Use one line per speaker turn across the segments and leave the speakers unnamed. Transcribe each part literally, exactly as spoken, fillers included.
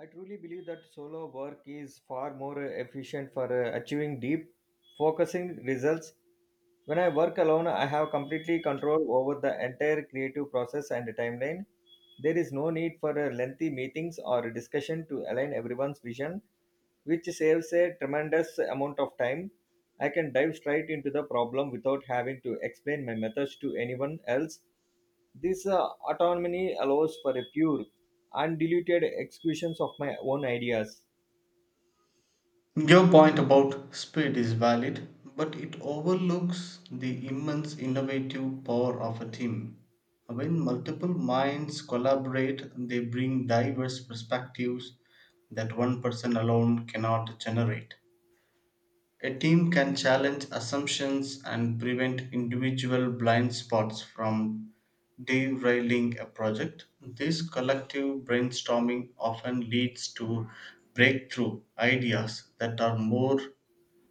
I truly believe that solo work is far more uh, efficient for uh, achieving deep, focusing results. When I work alone, I have completely control over the entire creative process and timeline. There is no need for uh, lengthy meetings or discussion to align everyone's vision, which saves a tremendous amount of time. I can dive straight into the problem without having to explain my methods to anyone else. This uh, autonomy allows for a pure, undiluted executions of my own ideas.
Your point about speed is valid, but it overlooks the immense innovative power of a team. When multiple minds collaborate, they bring diverse perspectives that one person alone cannot generate. A team can challenge assumptions and prevent individual blind spots from derailing a project. This collective brainstorming often leads to breakthrough ideas that are more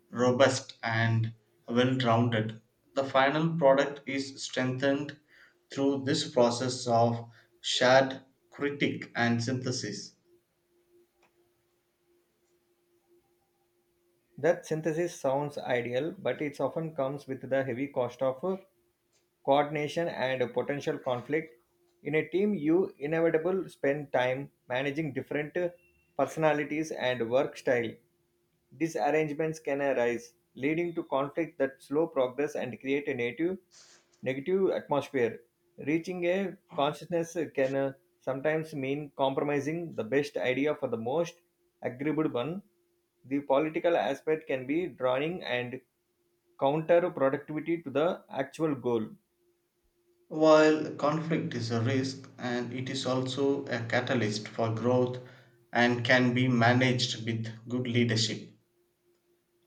robust and well rounded. The final product is strengthened through this process of shared critique and synthesis.
That synthesis sounds ideal, but it often comes with the heavy cost of uh, coordination and a potential conflict. In a team, you inevitably spend time managing different uh, personalities and work style. These arrangements can arise, leading to conflict that slow progress and create a native negative atmosphere. Reaching a consciousness can uh, sometimes mean compromising the best idea for the most agreeable one. The political aspect can be drowning and counter productivity to the actual goal.
While conflict is a risk and it is also a catalyst for growth and can be managed with good leadership.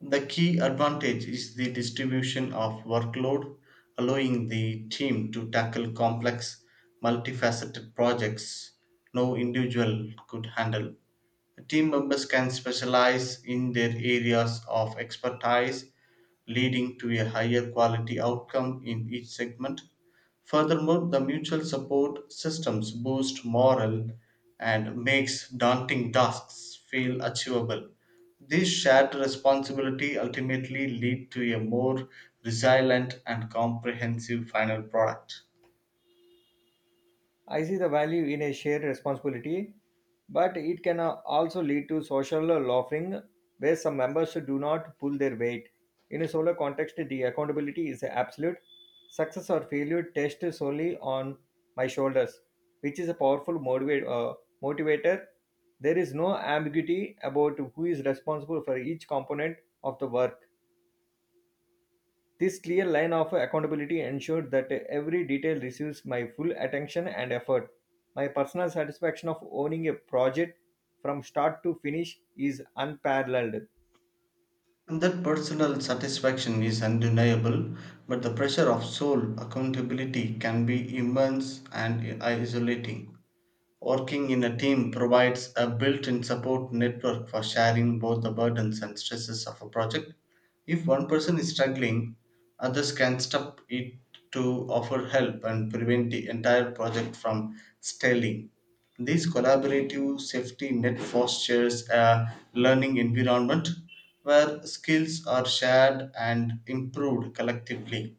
The key advantage is the distribution of workload, allowing the team to tackle complex, multifaceted projects no individual could handle. Team members can specialize in their areas of expertise, leading to a higher quality outcome in each segment. Furthermore, the mutual support systems boost morale and makes daunting tasks feel achievable. This shared responsibility ultimately lead to a more resilient and comprehensive final product.
I see the value in a shared responsibility, but it can uh, also lead to social loafing where some members do not pull their weight. In a solo context, the accountability is absolute. Success or failure test is solely on my shoulders, which is a powerful motivate uh, motivator. There is no ambiguity about who is responsible for each component of the work. This clear line of accountability ensured that every detail receives my full attention and effort. My personal satisfaction of owning a project from start to finish is unparalleled.
And that personal satisfaction is undeniable, but the pressure of sole accountability can be immense and isolating. Working in a team provides a built in support network for sharing both the burdens and stresses of a project. If one person is struggling, others can step it to offer help and prevent the entire project from stalling. This collaborative safety net fosters a learning environment where skills are shared and improved collectively.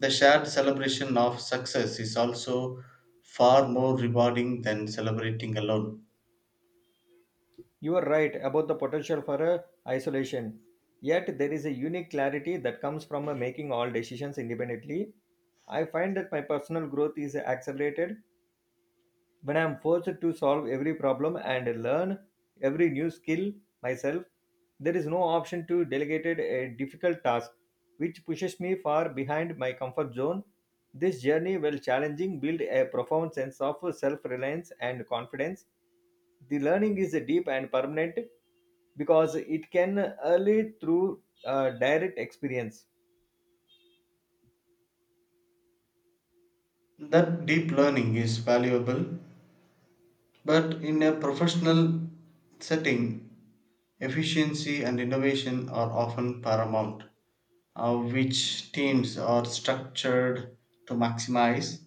The shared celebration of success is also far more rewarding than celebrating alone.
You are right about the potential for a isolation. Yet there is a unique clarity that comes from a making all decisions independently. I find that my personal growth is accelerated when I am forced to solve every problem and learn every new skill myself. There is no option to delegate a difficult task, which pushes me far behind my comfort zone. This journey, while challenging, built a profound sense of self reliance and confidence. The learning is deep and permanent because it can early through uh, direct experience.
That deep learning is valuable, but in a professional setting, efficiency and innovation are often paramount, uh, which teams are structured to maximize.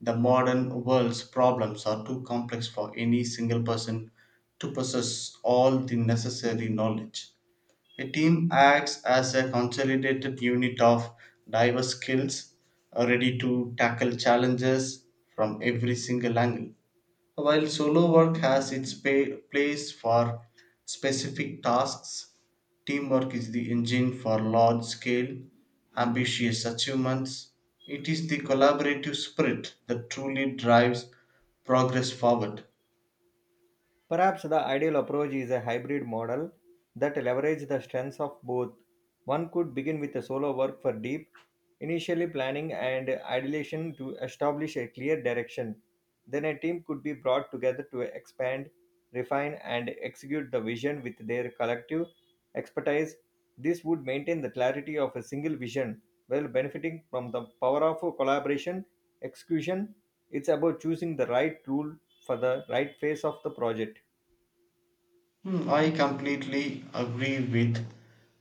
The modern world's problems are too complex for any single person to possess all the necessary knowledge. A team acts as a consolidated unit of diverse skills, uh, ready to tackle challenges from every single angle. While solo work has its pay, place for specific tasks, teamwork is the engine for large scale, ambitious achievements. It is the collaborative spirit that truly drives progress forward.
Perhaps the ideal approach is a hybrid model that leverages the strengths of both. One could begin with a solo work for deep, initially planning and ideation to establish a clear direction. Then a team could be brought together to expand, refine, and execute the vision with their collective expertise. This would maintain the clarity of a single vision while benefiting from the power of collaboration, execution. It's about choosing the right tool for the right phase of the project.
Hmm, I completely agree with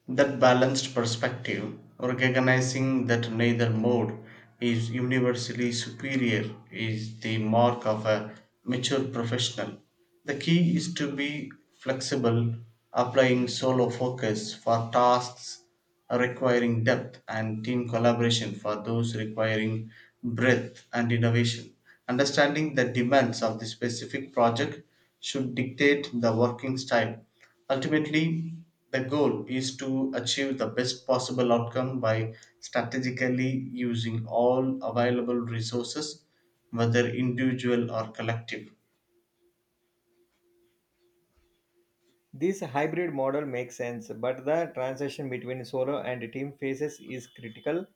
that balanced perspective, recognizing that neither mode is universally superior is the mark of a mature professional. The key is to be flexible, applying solo focus for tasks requiring depth and team collaboration for those requiring breadth and innovation. Understanding the demands of the specific project should dictate the working style. Ultimately, the goal is to achieve the best possible outcome by strategically using all available resources, whether individual or collective.
This hybrid model makes sense, but the transition between solo and team phases is critical.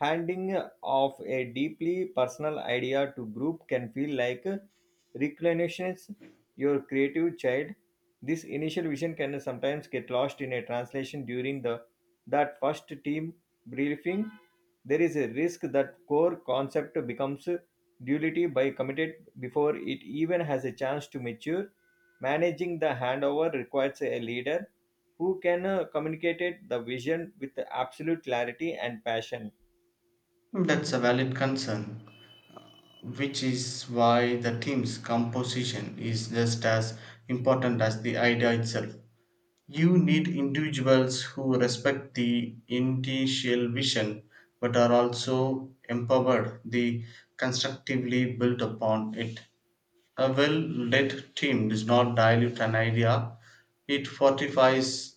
Handing off a deeply personal idea to group can feel like reclinations your creative child. This initial vision can sometimes get lost in a translation during the that first team briefing. There is a risk that core concept becomes duality by committed before it even has a chance to mature. Managing the handover requires a leader who can uh, communicate the vision with absolute clarity and passion.
That's a valid concern, which is why the team's composition is just as important as the idea itself. You need individuals who respect the initial vision but are also empowered the constructively built upon it. A well led team does not dilute an idea, it fortifies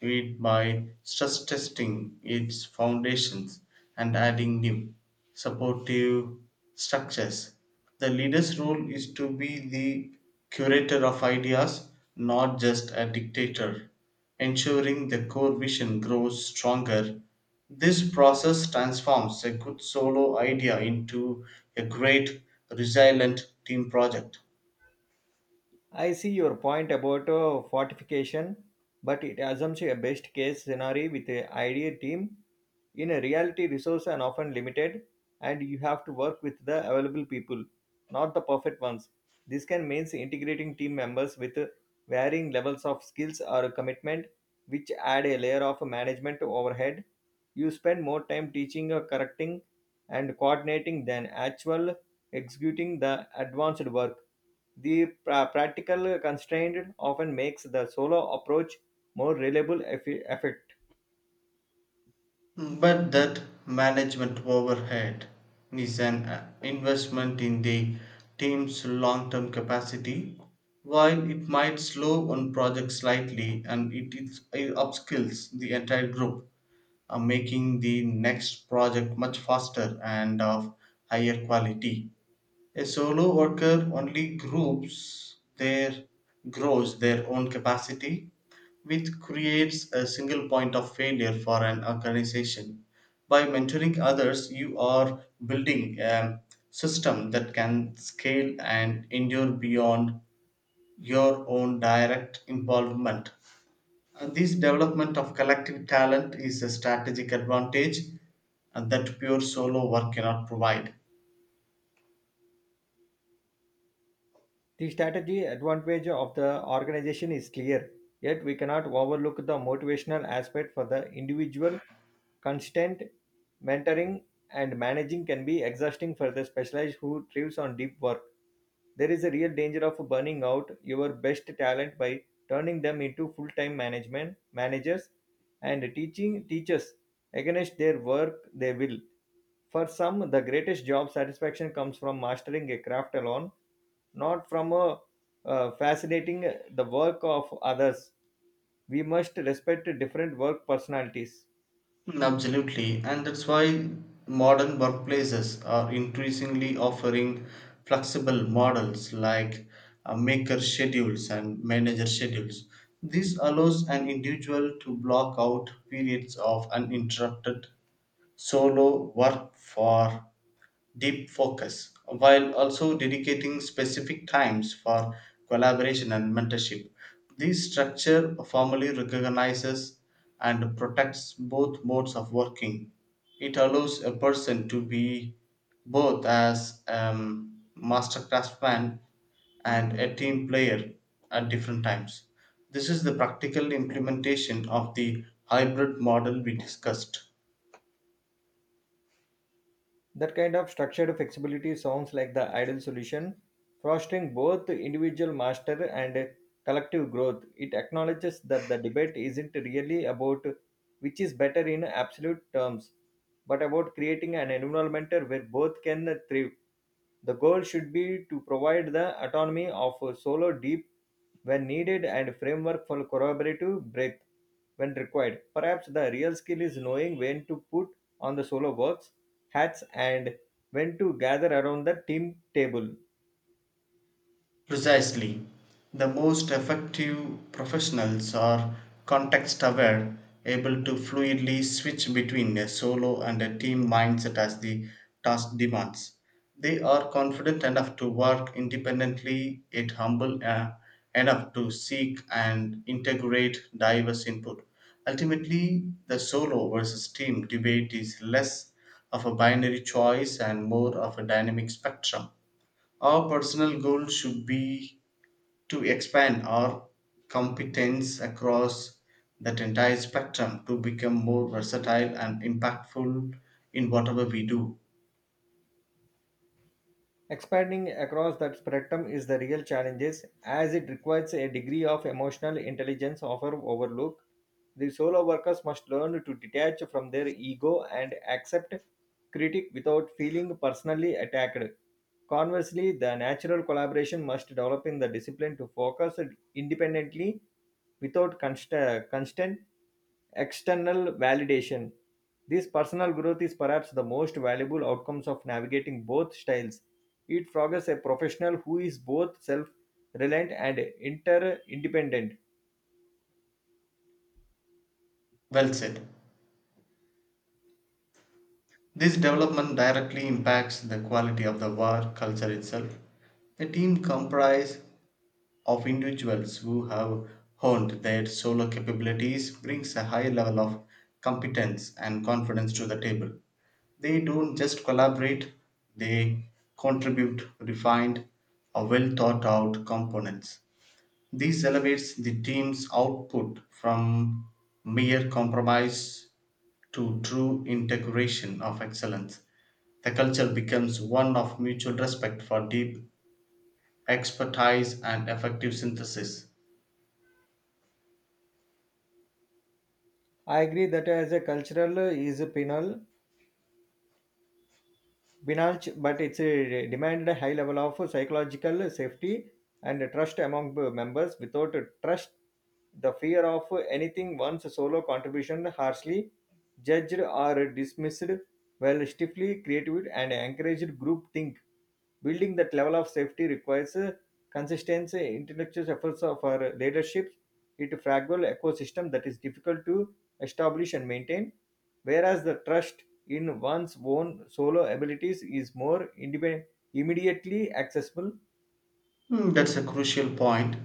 it by stress testing its foundations and adding new, supportive structures. The leader's role is to be the curator of ideas, not just a dictator, ensuring the core vision grows stronger. This process transforms a good solo idea into a great, resilient team project.
I see your point about uh, fortification, but it assumes a best case scenario with an idea team. In a reality, resources are often limited, and you have to work with the available people, not the perfect ones. This can mean integrating team members with uh, varying levels of skills or commitment, which add a layer of management overhead. You spend more time teaching, or correcting, and coordinating than actual executing the advanced work. The pra- practical constraint often makes the solo approach more reliable effi- effect.
But that management overhead is an uh, investment in the team's long term capacity. While it might slow one project slightly and it, it, it upskills the entire group, uh, making the next project much faster and of higher quality. A solo worker only groups their grows their own capacity, which creates a single point of failure for an organization. By mentoring others, you are building a system that can scale and endure beyond your own direct involvement. And this development of collective talent is a strategic advantage uh, that pure solo work cannot provide.
The strategy advantage of the organization is clear, yet we cannot overlook the motivational aspect for the individual. Constant mentoring and managing can be exhausting for the specialized who thrives on deep work. There is a real danger of burning out your best talent by turning them into full-time management managers and teaching teachers against their work they will. For some, the greatest job satisfaction comes from mastering a craft alone, not from a, uh, fascinating the work of others. We must respect different work personalities.
Mm, Absolutely, and that's why modern workplaces are increasingly offering flexible models like uh, maker schedules and manager schedules. This allows an individual to block out periods of uninterrupted solo work for deep focus while also dedicating specific times for collaboration and mentorship. This structure formally recognizes and protects both modes of working. It allows a person to be both as um, master craftsman and a team player at different times. This is the practical implementation of the hybrid model we discussed.
That kind of structured flexibility sounds like the ideal solution, fostering both individual master and collective growth. It acknowledges that the debate isn't really about which is better in absolute terms, but about creating an environment where both can thrive. The goal should be to provide the autonomy of a solo deep when needed and framework for collaborative breadth when required. Perhaps the real skill is knowing when to put on the solo works hats and when to gather around the team table.
Precisely. The most effective professionals are context aware, able to fluidly switch between a solo and a team mindset as the task demands. They are confident enough to work independently, yet humble uh, enough to seek and integrate diverse input. Ultimately, the solo versus team debate is less of a binary choice and more of a dynamic spectrum. Our personal goal should be to expand our competence across that entire spectrum to become more versatile and impactful in whatever we do.
Expanding across that spectrum is the real challenges as it requires a degree of emotional intelligence often overlooked. The solo workers must learn to detach from their ego and accept critic without feeling personally attacked. Conversely, the natural collaboration must develop in the discipline to focus independently without const- constant external validation. This personal growth is perhaps the most valuable outcomes of navigating both styles. It forges a professional who is both self reliant and inter independent.
Well said. This development directly impacts the quality of the work culture itself. A team comprised of individuals who have honed their solo capabilities brings a high level of competence and confidence to the table. They don't just collaborate, they contribute refined or well thought out components. This elevates the team's output from mere compromise to true integration of excellence. The culture becomes one of mutual respect for deep expertise and effective synthesis.
I agree that as a cultural is penal Binance, but it's a, demanded a high level of psychological safety and trust among b- members. Without trust, the fear of anything once solo contribution harshly judged or dismissed, while stiffly creative and encouraged group think. Building that level of safety requires uh, consistency, intellectual efforts of our leadership. It fragile ecosystem that is difficult to establish and maintain, whereas the trust in one's own solo abilities is more independent, immediately accessible.
Hmm, that's a crucial point.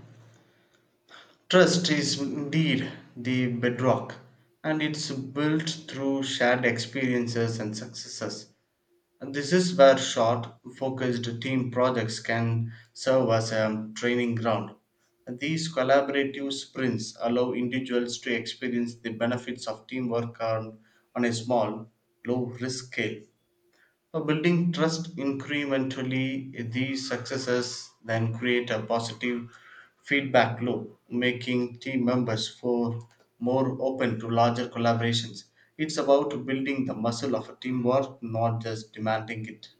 Trust is indeed the bedrock, and it's built through shared experiences and successes. And this is where short, focused team projects can serve as a training ground. These collaborative sprints allow individuals to experience the benefits of teamwork on on a small, low risk scale. Uh, building trust incrementally, these successes then create a positive feedback loop, making team members for more open to larger collaborations. It's about building the muscle of a teamwork, not just demanding it.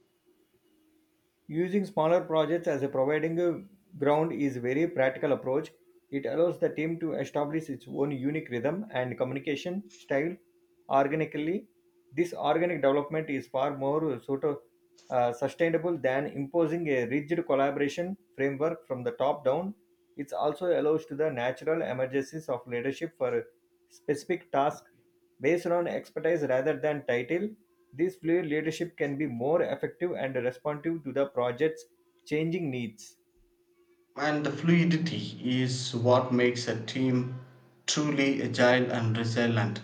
Using smaller projects as a providing uh, ground is a very practical approach. It allows the team to establish its own unique rhythm and communication style organically. This organic development is far more sort of uh, sustainable than imposing a rigid collaboration framework from the top down. It also allows to the natural emergencies of leadership for specific tasks based on expertise rather than title. This fluid leadership can be more effective and responsive to the project's changing needs.
And the fluidity is what makes a team truly agile and resilient.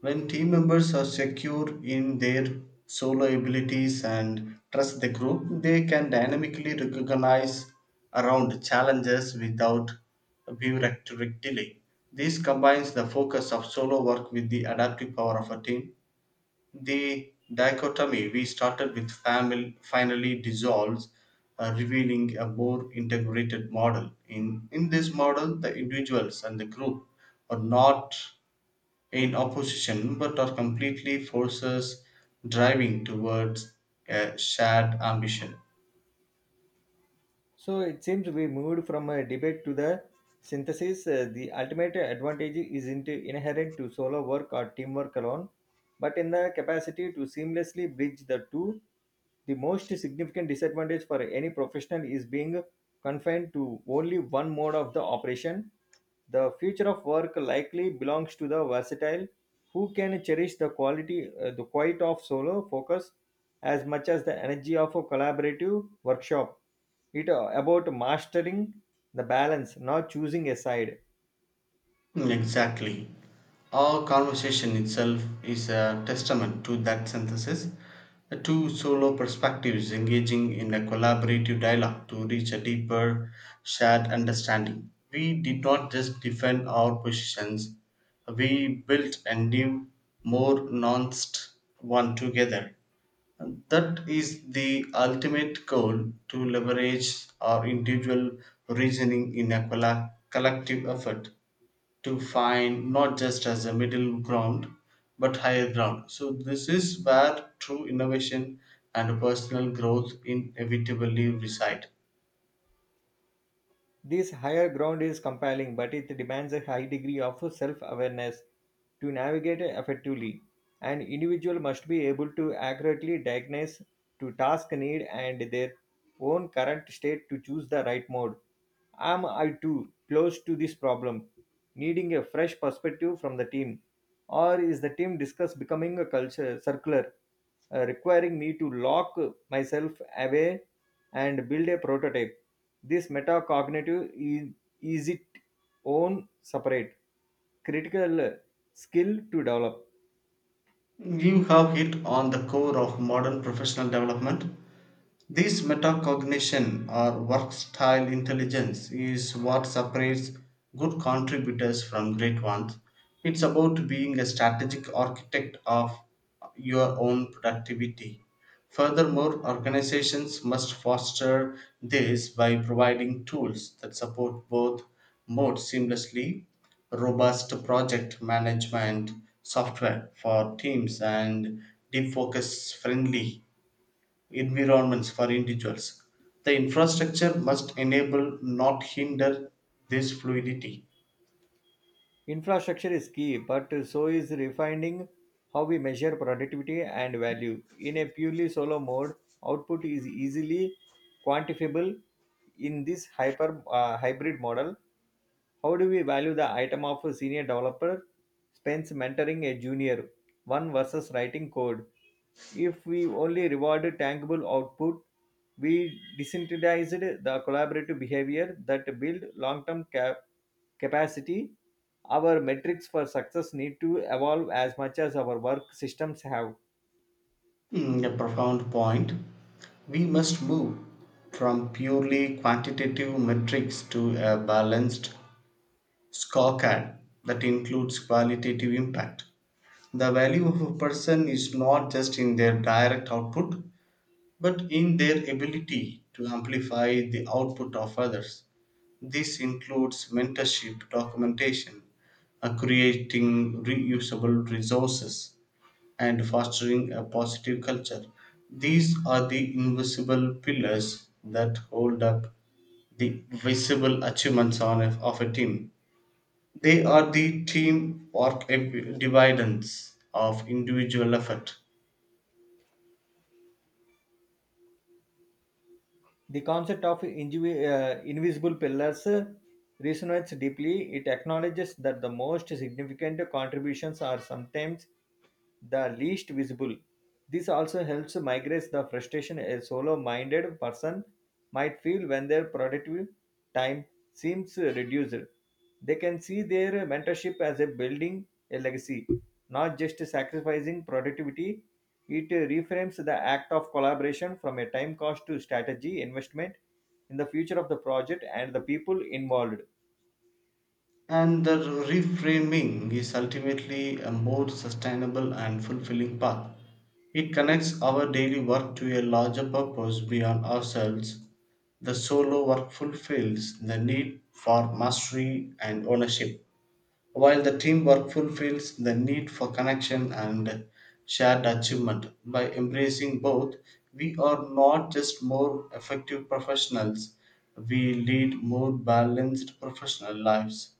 When team members are secure in their solo abilities and trust the group, they can dynamically recognize around challenges without bureaucratic delay. This combines the focus of solo work with the adaptive power of a team, the dichotomy we started with family finally dissolves, uh, revealing a more integrated model. In, in this model, the individuals and the group are not in opposition but are completely forces driving towards a shared ambition.
So it seems we moved from a debate to the synthesis. Uh, the ultimate advantage isn't inherent to solo work or teamwork alone, but in the capacity to seamlessly bridge the two. The most significant disadvantage for any professional is being confined to only one mode of the operation. The future of work likely belongs to the versatile who can cherish the quality, uh, the quiet of solo focus as much as the energy of a collaborative workshop. It uh, about mastering the balance, not choosing a side.
Mm, Exactly. Our conversation itself is a testament to that synthesis. The two solo perspectives engaging in a collaborative dialogue to reach a deeper shared understanding. We did not just defend our positions, we built a new, more nuanced one together. And that is the ultimate goal to leverage our individual reasoning in a colla- collective effort to find not just as a middle ground but higher ground. So this is where true innovation and personal growth inevitably reside.
This higher ground is compelling, but it demands a high degree of self-awareness to navigate effectively. An individual must be able to accurately diagnose to task need and their own current state to choose the right mode. Am I too close to this problem? Needing a fresh perspective from the team, or is the team discuss becoming a culture circular, uh, requiring me to lock myself away and build a prototype? This metacognitive is, is it own separate critical skill to develop.
You have hit on the core of modern professional development. This metacognition or work style intelligence is what separates good contributors from great ones. It's about being a strategic architect of your own productivity. Furthermore, organizations must foster this by providing tools that support both modes seamlessly robust project management software for teams and deep focus friendly environments for individuals. The infrastructure must enable, not hinder, this fluidity.
Infrastructure is key but so is refining how we measure productivity and value in a purely solo mode. Output is easily quantifiable in this hyper uh, hybrid model. How do we value the item of a senior developer spends mentoring a junior one versus writing code? If we only rewarded tangible output, we disincentivized the collaborative behavior that build long-term cap- capacity. Our metrics for success need to evolve as much as our work systems have.
Mm, a profound point. We must move from purely quantitative metrics to a balanced scorecard that includes qualitative impact. The value of a person is not just in their direct output, but in their ability to amplify the output of others. This includes mentorship, documentation, uh, creating reusable resources, and fostering a positive culture. These are the invisible pillars that hold up the visible achievements on a, of a team. They are the team work ev- dividends of individual effort.
The concept of invi- uh, invisible pillars uh, resonates deeply. It acknowledges that the most significant contributions are sometimes the least visible. This also helps migrate the frustration a solo minded person might feel when their productive time seems reduced. They can see their mentorship as a building a legacy, not just sacrificing productivity. It uh, reframes the act of collaboration from a time cost to strategy investment in the future of the project and the people involved.
And the reframing is ultimately a more sustainable and fulfilling path. It connects our daily work to a larger purpose beyond ourselves. The solo work fulfills the need for mastery and ownership, while the teamwork fulfills the need for connection and shared achievement. By embracing both, we are not just more effective professionals, we lead more balanced professional lives.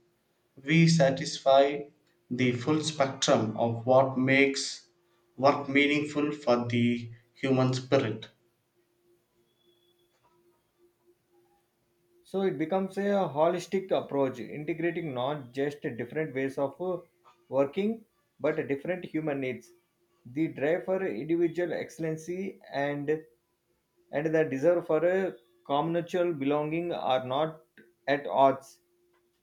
We satisfy the full spectrum of what makes work meaningful for the human spirit.
So it becomes a holistic approach, integrating not just different ways of uh, working, but different human needs. The drive for individual excellency and and the desire for a communal belonging are not at odds.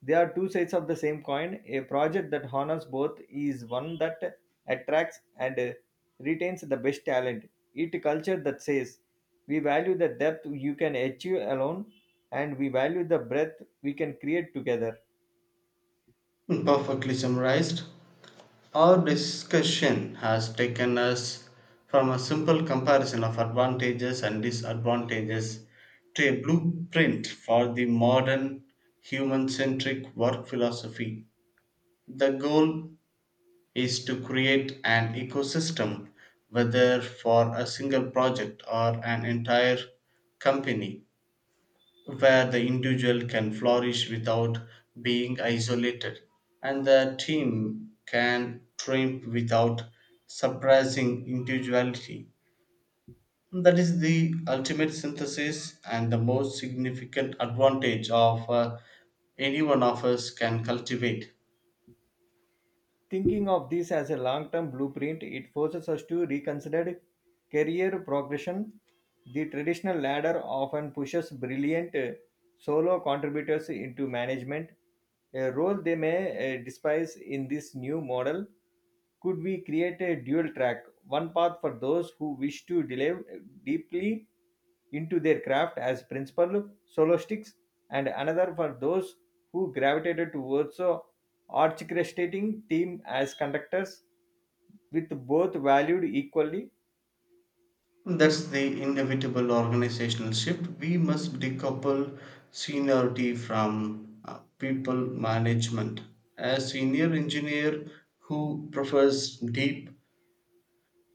They are two sides of the same coin. A project that honors both is one that attracts and uh, retains the best talent. It culture that says we value the depth you can achieve alone and we value the breadth we can create together.
Perfectly summarized, our discussion has taken us from a simple comparison of advantages and disadvantages to a blueprint for the modern human centric work philosophy. The goal is to create an ecosystem whether for a single project or an entire company where the individual can flourish without being isolated and the team can triumph without suppressing individuality. That is the ultimate synthesis and the most significant advantage of uh, any one of us can cultivate.
Thinking of this as a long term blueprint, it forces us to reconsider career progression. The traditional ladder often pushes brilliant uh, solo contributors into management, a role they may uh, despise in this new model. Could we create a dual track, one path for those who wish to delve deeply into their craft as principal soloists, and another for those who gravitated towards uh, orchestrating team as conductors with both valued equally?
That's the inevitable organizational shift. We must decouple seniority from uh, people management. A senior engineer who prefers deep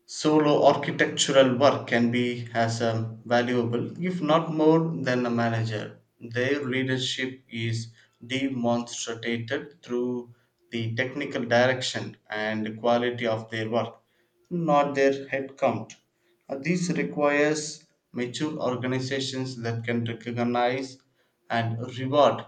solo architectural work can be as um, valuable, if not more, than a manager. Their leadership is demonstrated through the technical direction and quality of their work, not their headcount. Uh, This requires mature organizations that can recognize and reward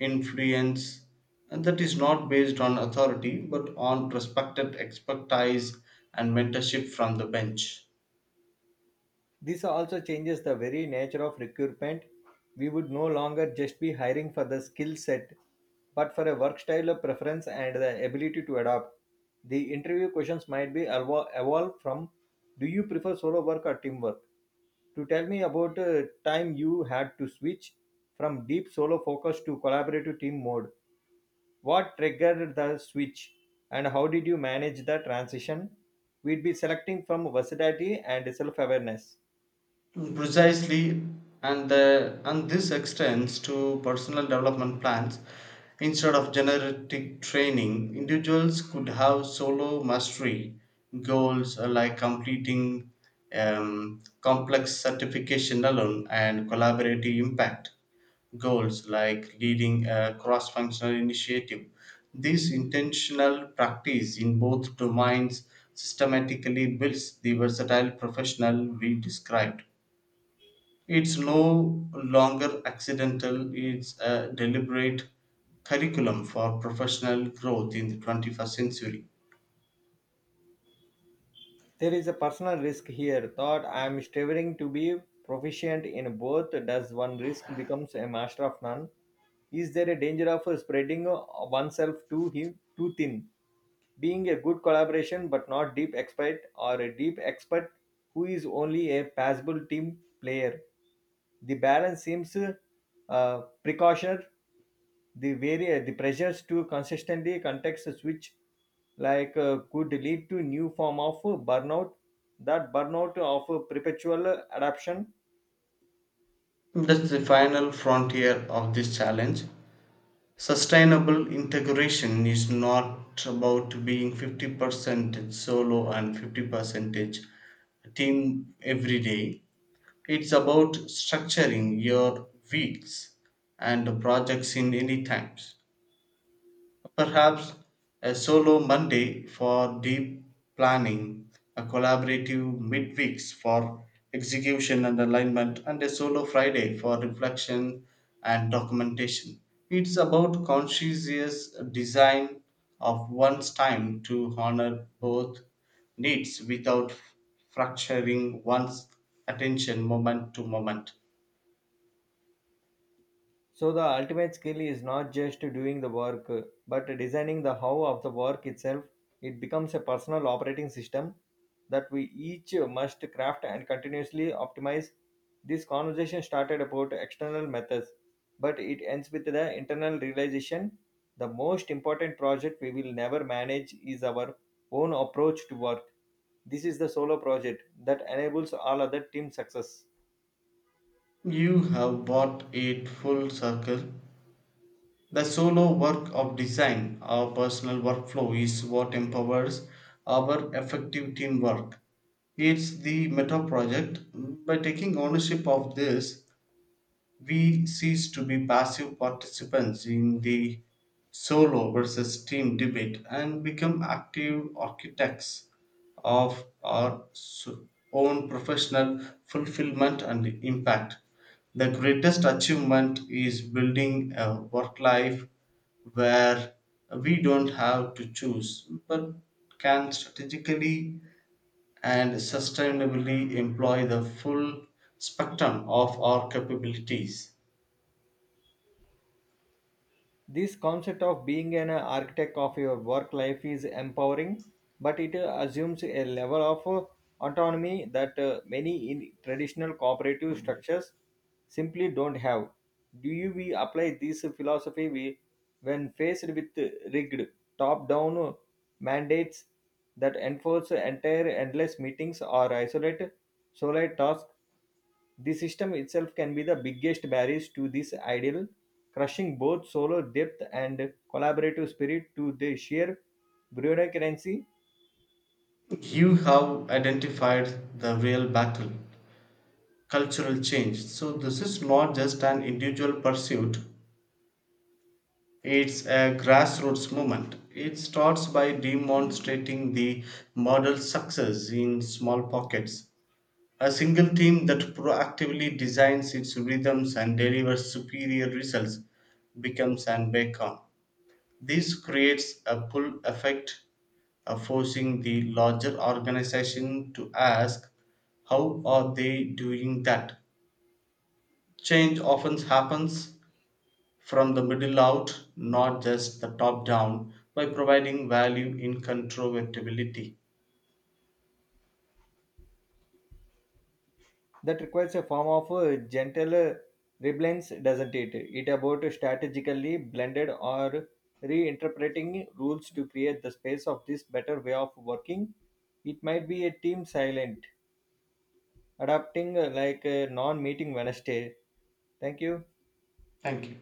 influence and that is not based on authority but on respected expertise and mentorship from the bench.
This also changes the very nature of recruitment. We would no longer just be hiring for the skill set but for a work style of preference and the ability to adapt. The interview questions might be evo- evolve from, do you prefer solo work or teamwork, to, tell me about a time you had to switch from deep solo focus to collaborative team mode. What triggered the switch and how did you manage the transition? We'd be selecting from versatility and self awareness.
Precisely. And the and this extends to personal development plans. Instead of generic training individuals could have solo mastery goals uh, like completing um, complex certification alone and collaborative impact goals like leading a cross functional initiative. This intentional practice in both domains systematically builds the versatile professional we described. It's no longer accidental, it's a deliberate curriculum for professional growth in the twenty-first century.
There is a personal risk here, thought I'm striving to be proficient in both. Does one risk becomes a master of none? Is there a danger of spreading oneself too, him, too thin? Being a good collaboration but not deep expert, or a deep expert who is only a passable team player. The balance seems uh, precaution. The vari- the pressures to consistently context switch like uh, could lead to new form of uh, burnout, that burnout of uh, perpetual adaption.
That's the final frontier of this challenge. Sustainable integration is not about being fifty percent solo and fifty percent team every day. It's about structuring your weeks and projects in any times. Perhaps a solo Monday for deep planning, a collaborative midweeks for execution and alignment, and a solo Friday for reflection and documentation. It's about conscientious design of one's time to honor both needs without fracturing one's attention moment to moment.
So the ultimate skill is not just doing the work, but designing the how of the work itself. It becomes a personal operating system that we each must craft and continuously optimize. This conversation started about external methods, but it ends with the internal realization. The most important project we will never manage is our own approach to work. This is the solo project that enables all other team success.
You have brought it full circle. The solo work of design, our personal workflow, is what empowers our effective teamwork. It's the meta project. By taking ownership of this, we cease to be passive participants in the solo versus team debate and become active architects of our so- own professional fulfillment and impact. The greatest achievement is building a work life where we don't have to choose but can strategically and sustainably employ the full spectrum of our capabilities.
This concept of being an architect of your work life is empowering, but it uh, assumes a level of uh, autonomy that uh, many in traditional cooperative structures simply don't have. Do you we apply this philosophy we, when faced with uh, rigged top-down uh, mandates that enforce entire endless meetings or isolate sole tasks? The system itself can be the biggest barriers to this ideal, crushing both solo depth and collaborative spirit to the sheer bureaucracy.
You have identified the real battle cultural change. So, this is not just an individual pursuit, it's a grassroots movement. It starts by demonstrating the model success in small pockets. A single team that proactively designs its rhythms and delivers superior results becomes an beacon. This creates a pull effect uh, forcing the larger organization to ask how are they doing that. Change often happens from the middle out not just the top down by providing value in controllability.
That requires a form of uh, gentle uh, rebellions, doesn't it? It about strategically blended or reinterpreting rules to create the space of this better way of working. It might be a team silent, adapting uh, like a non-meeting Wednesday. Thank you.
Thank you.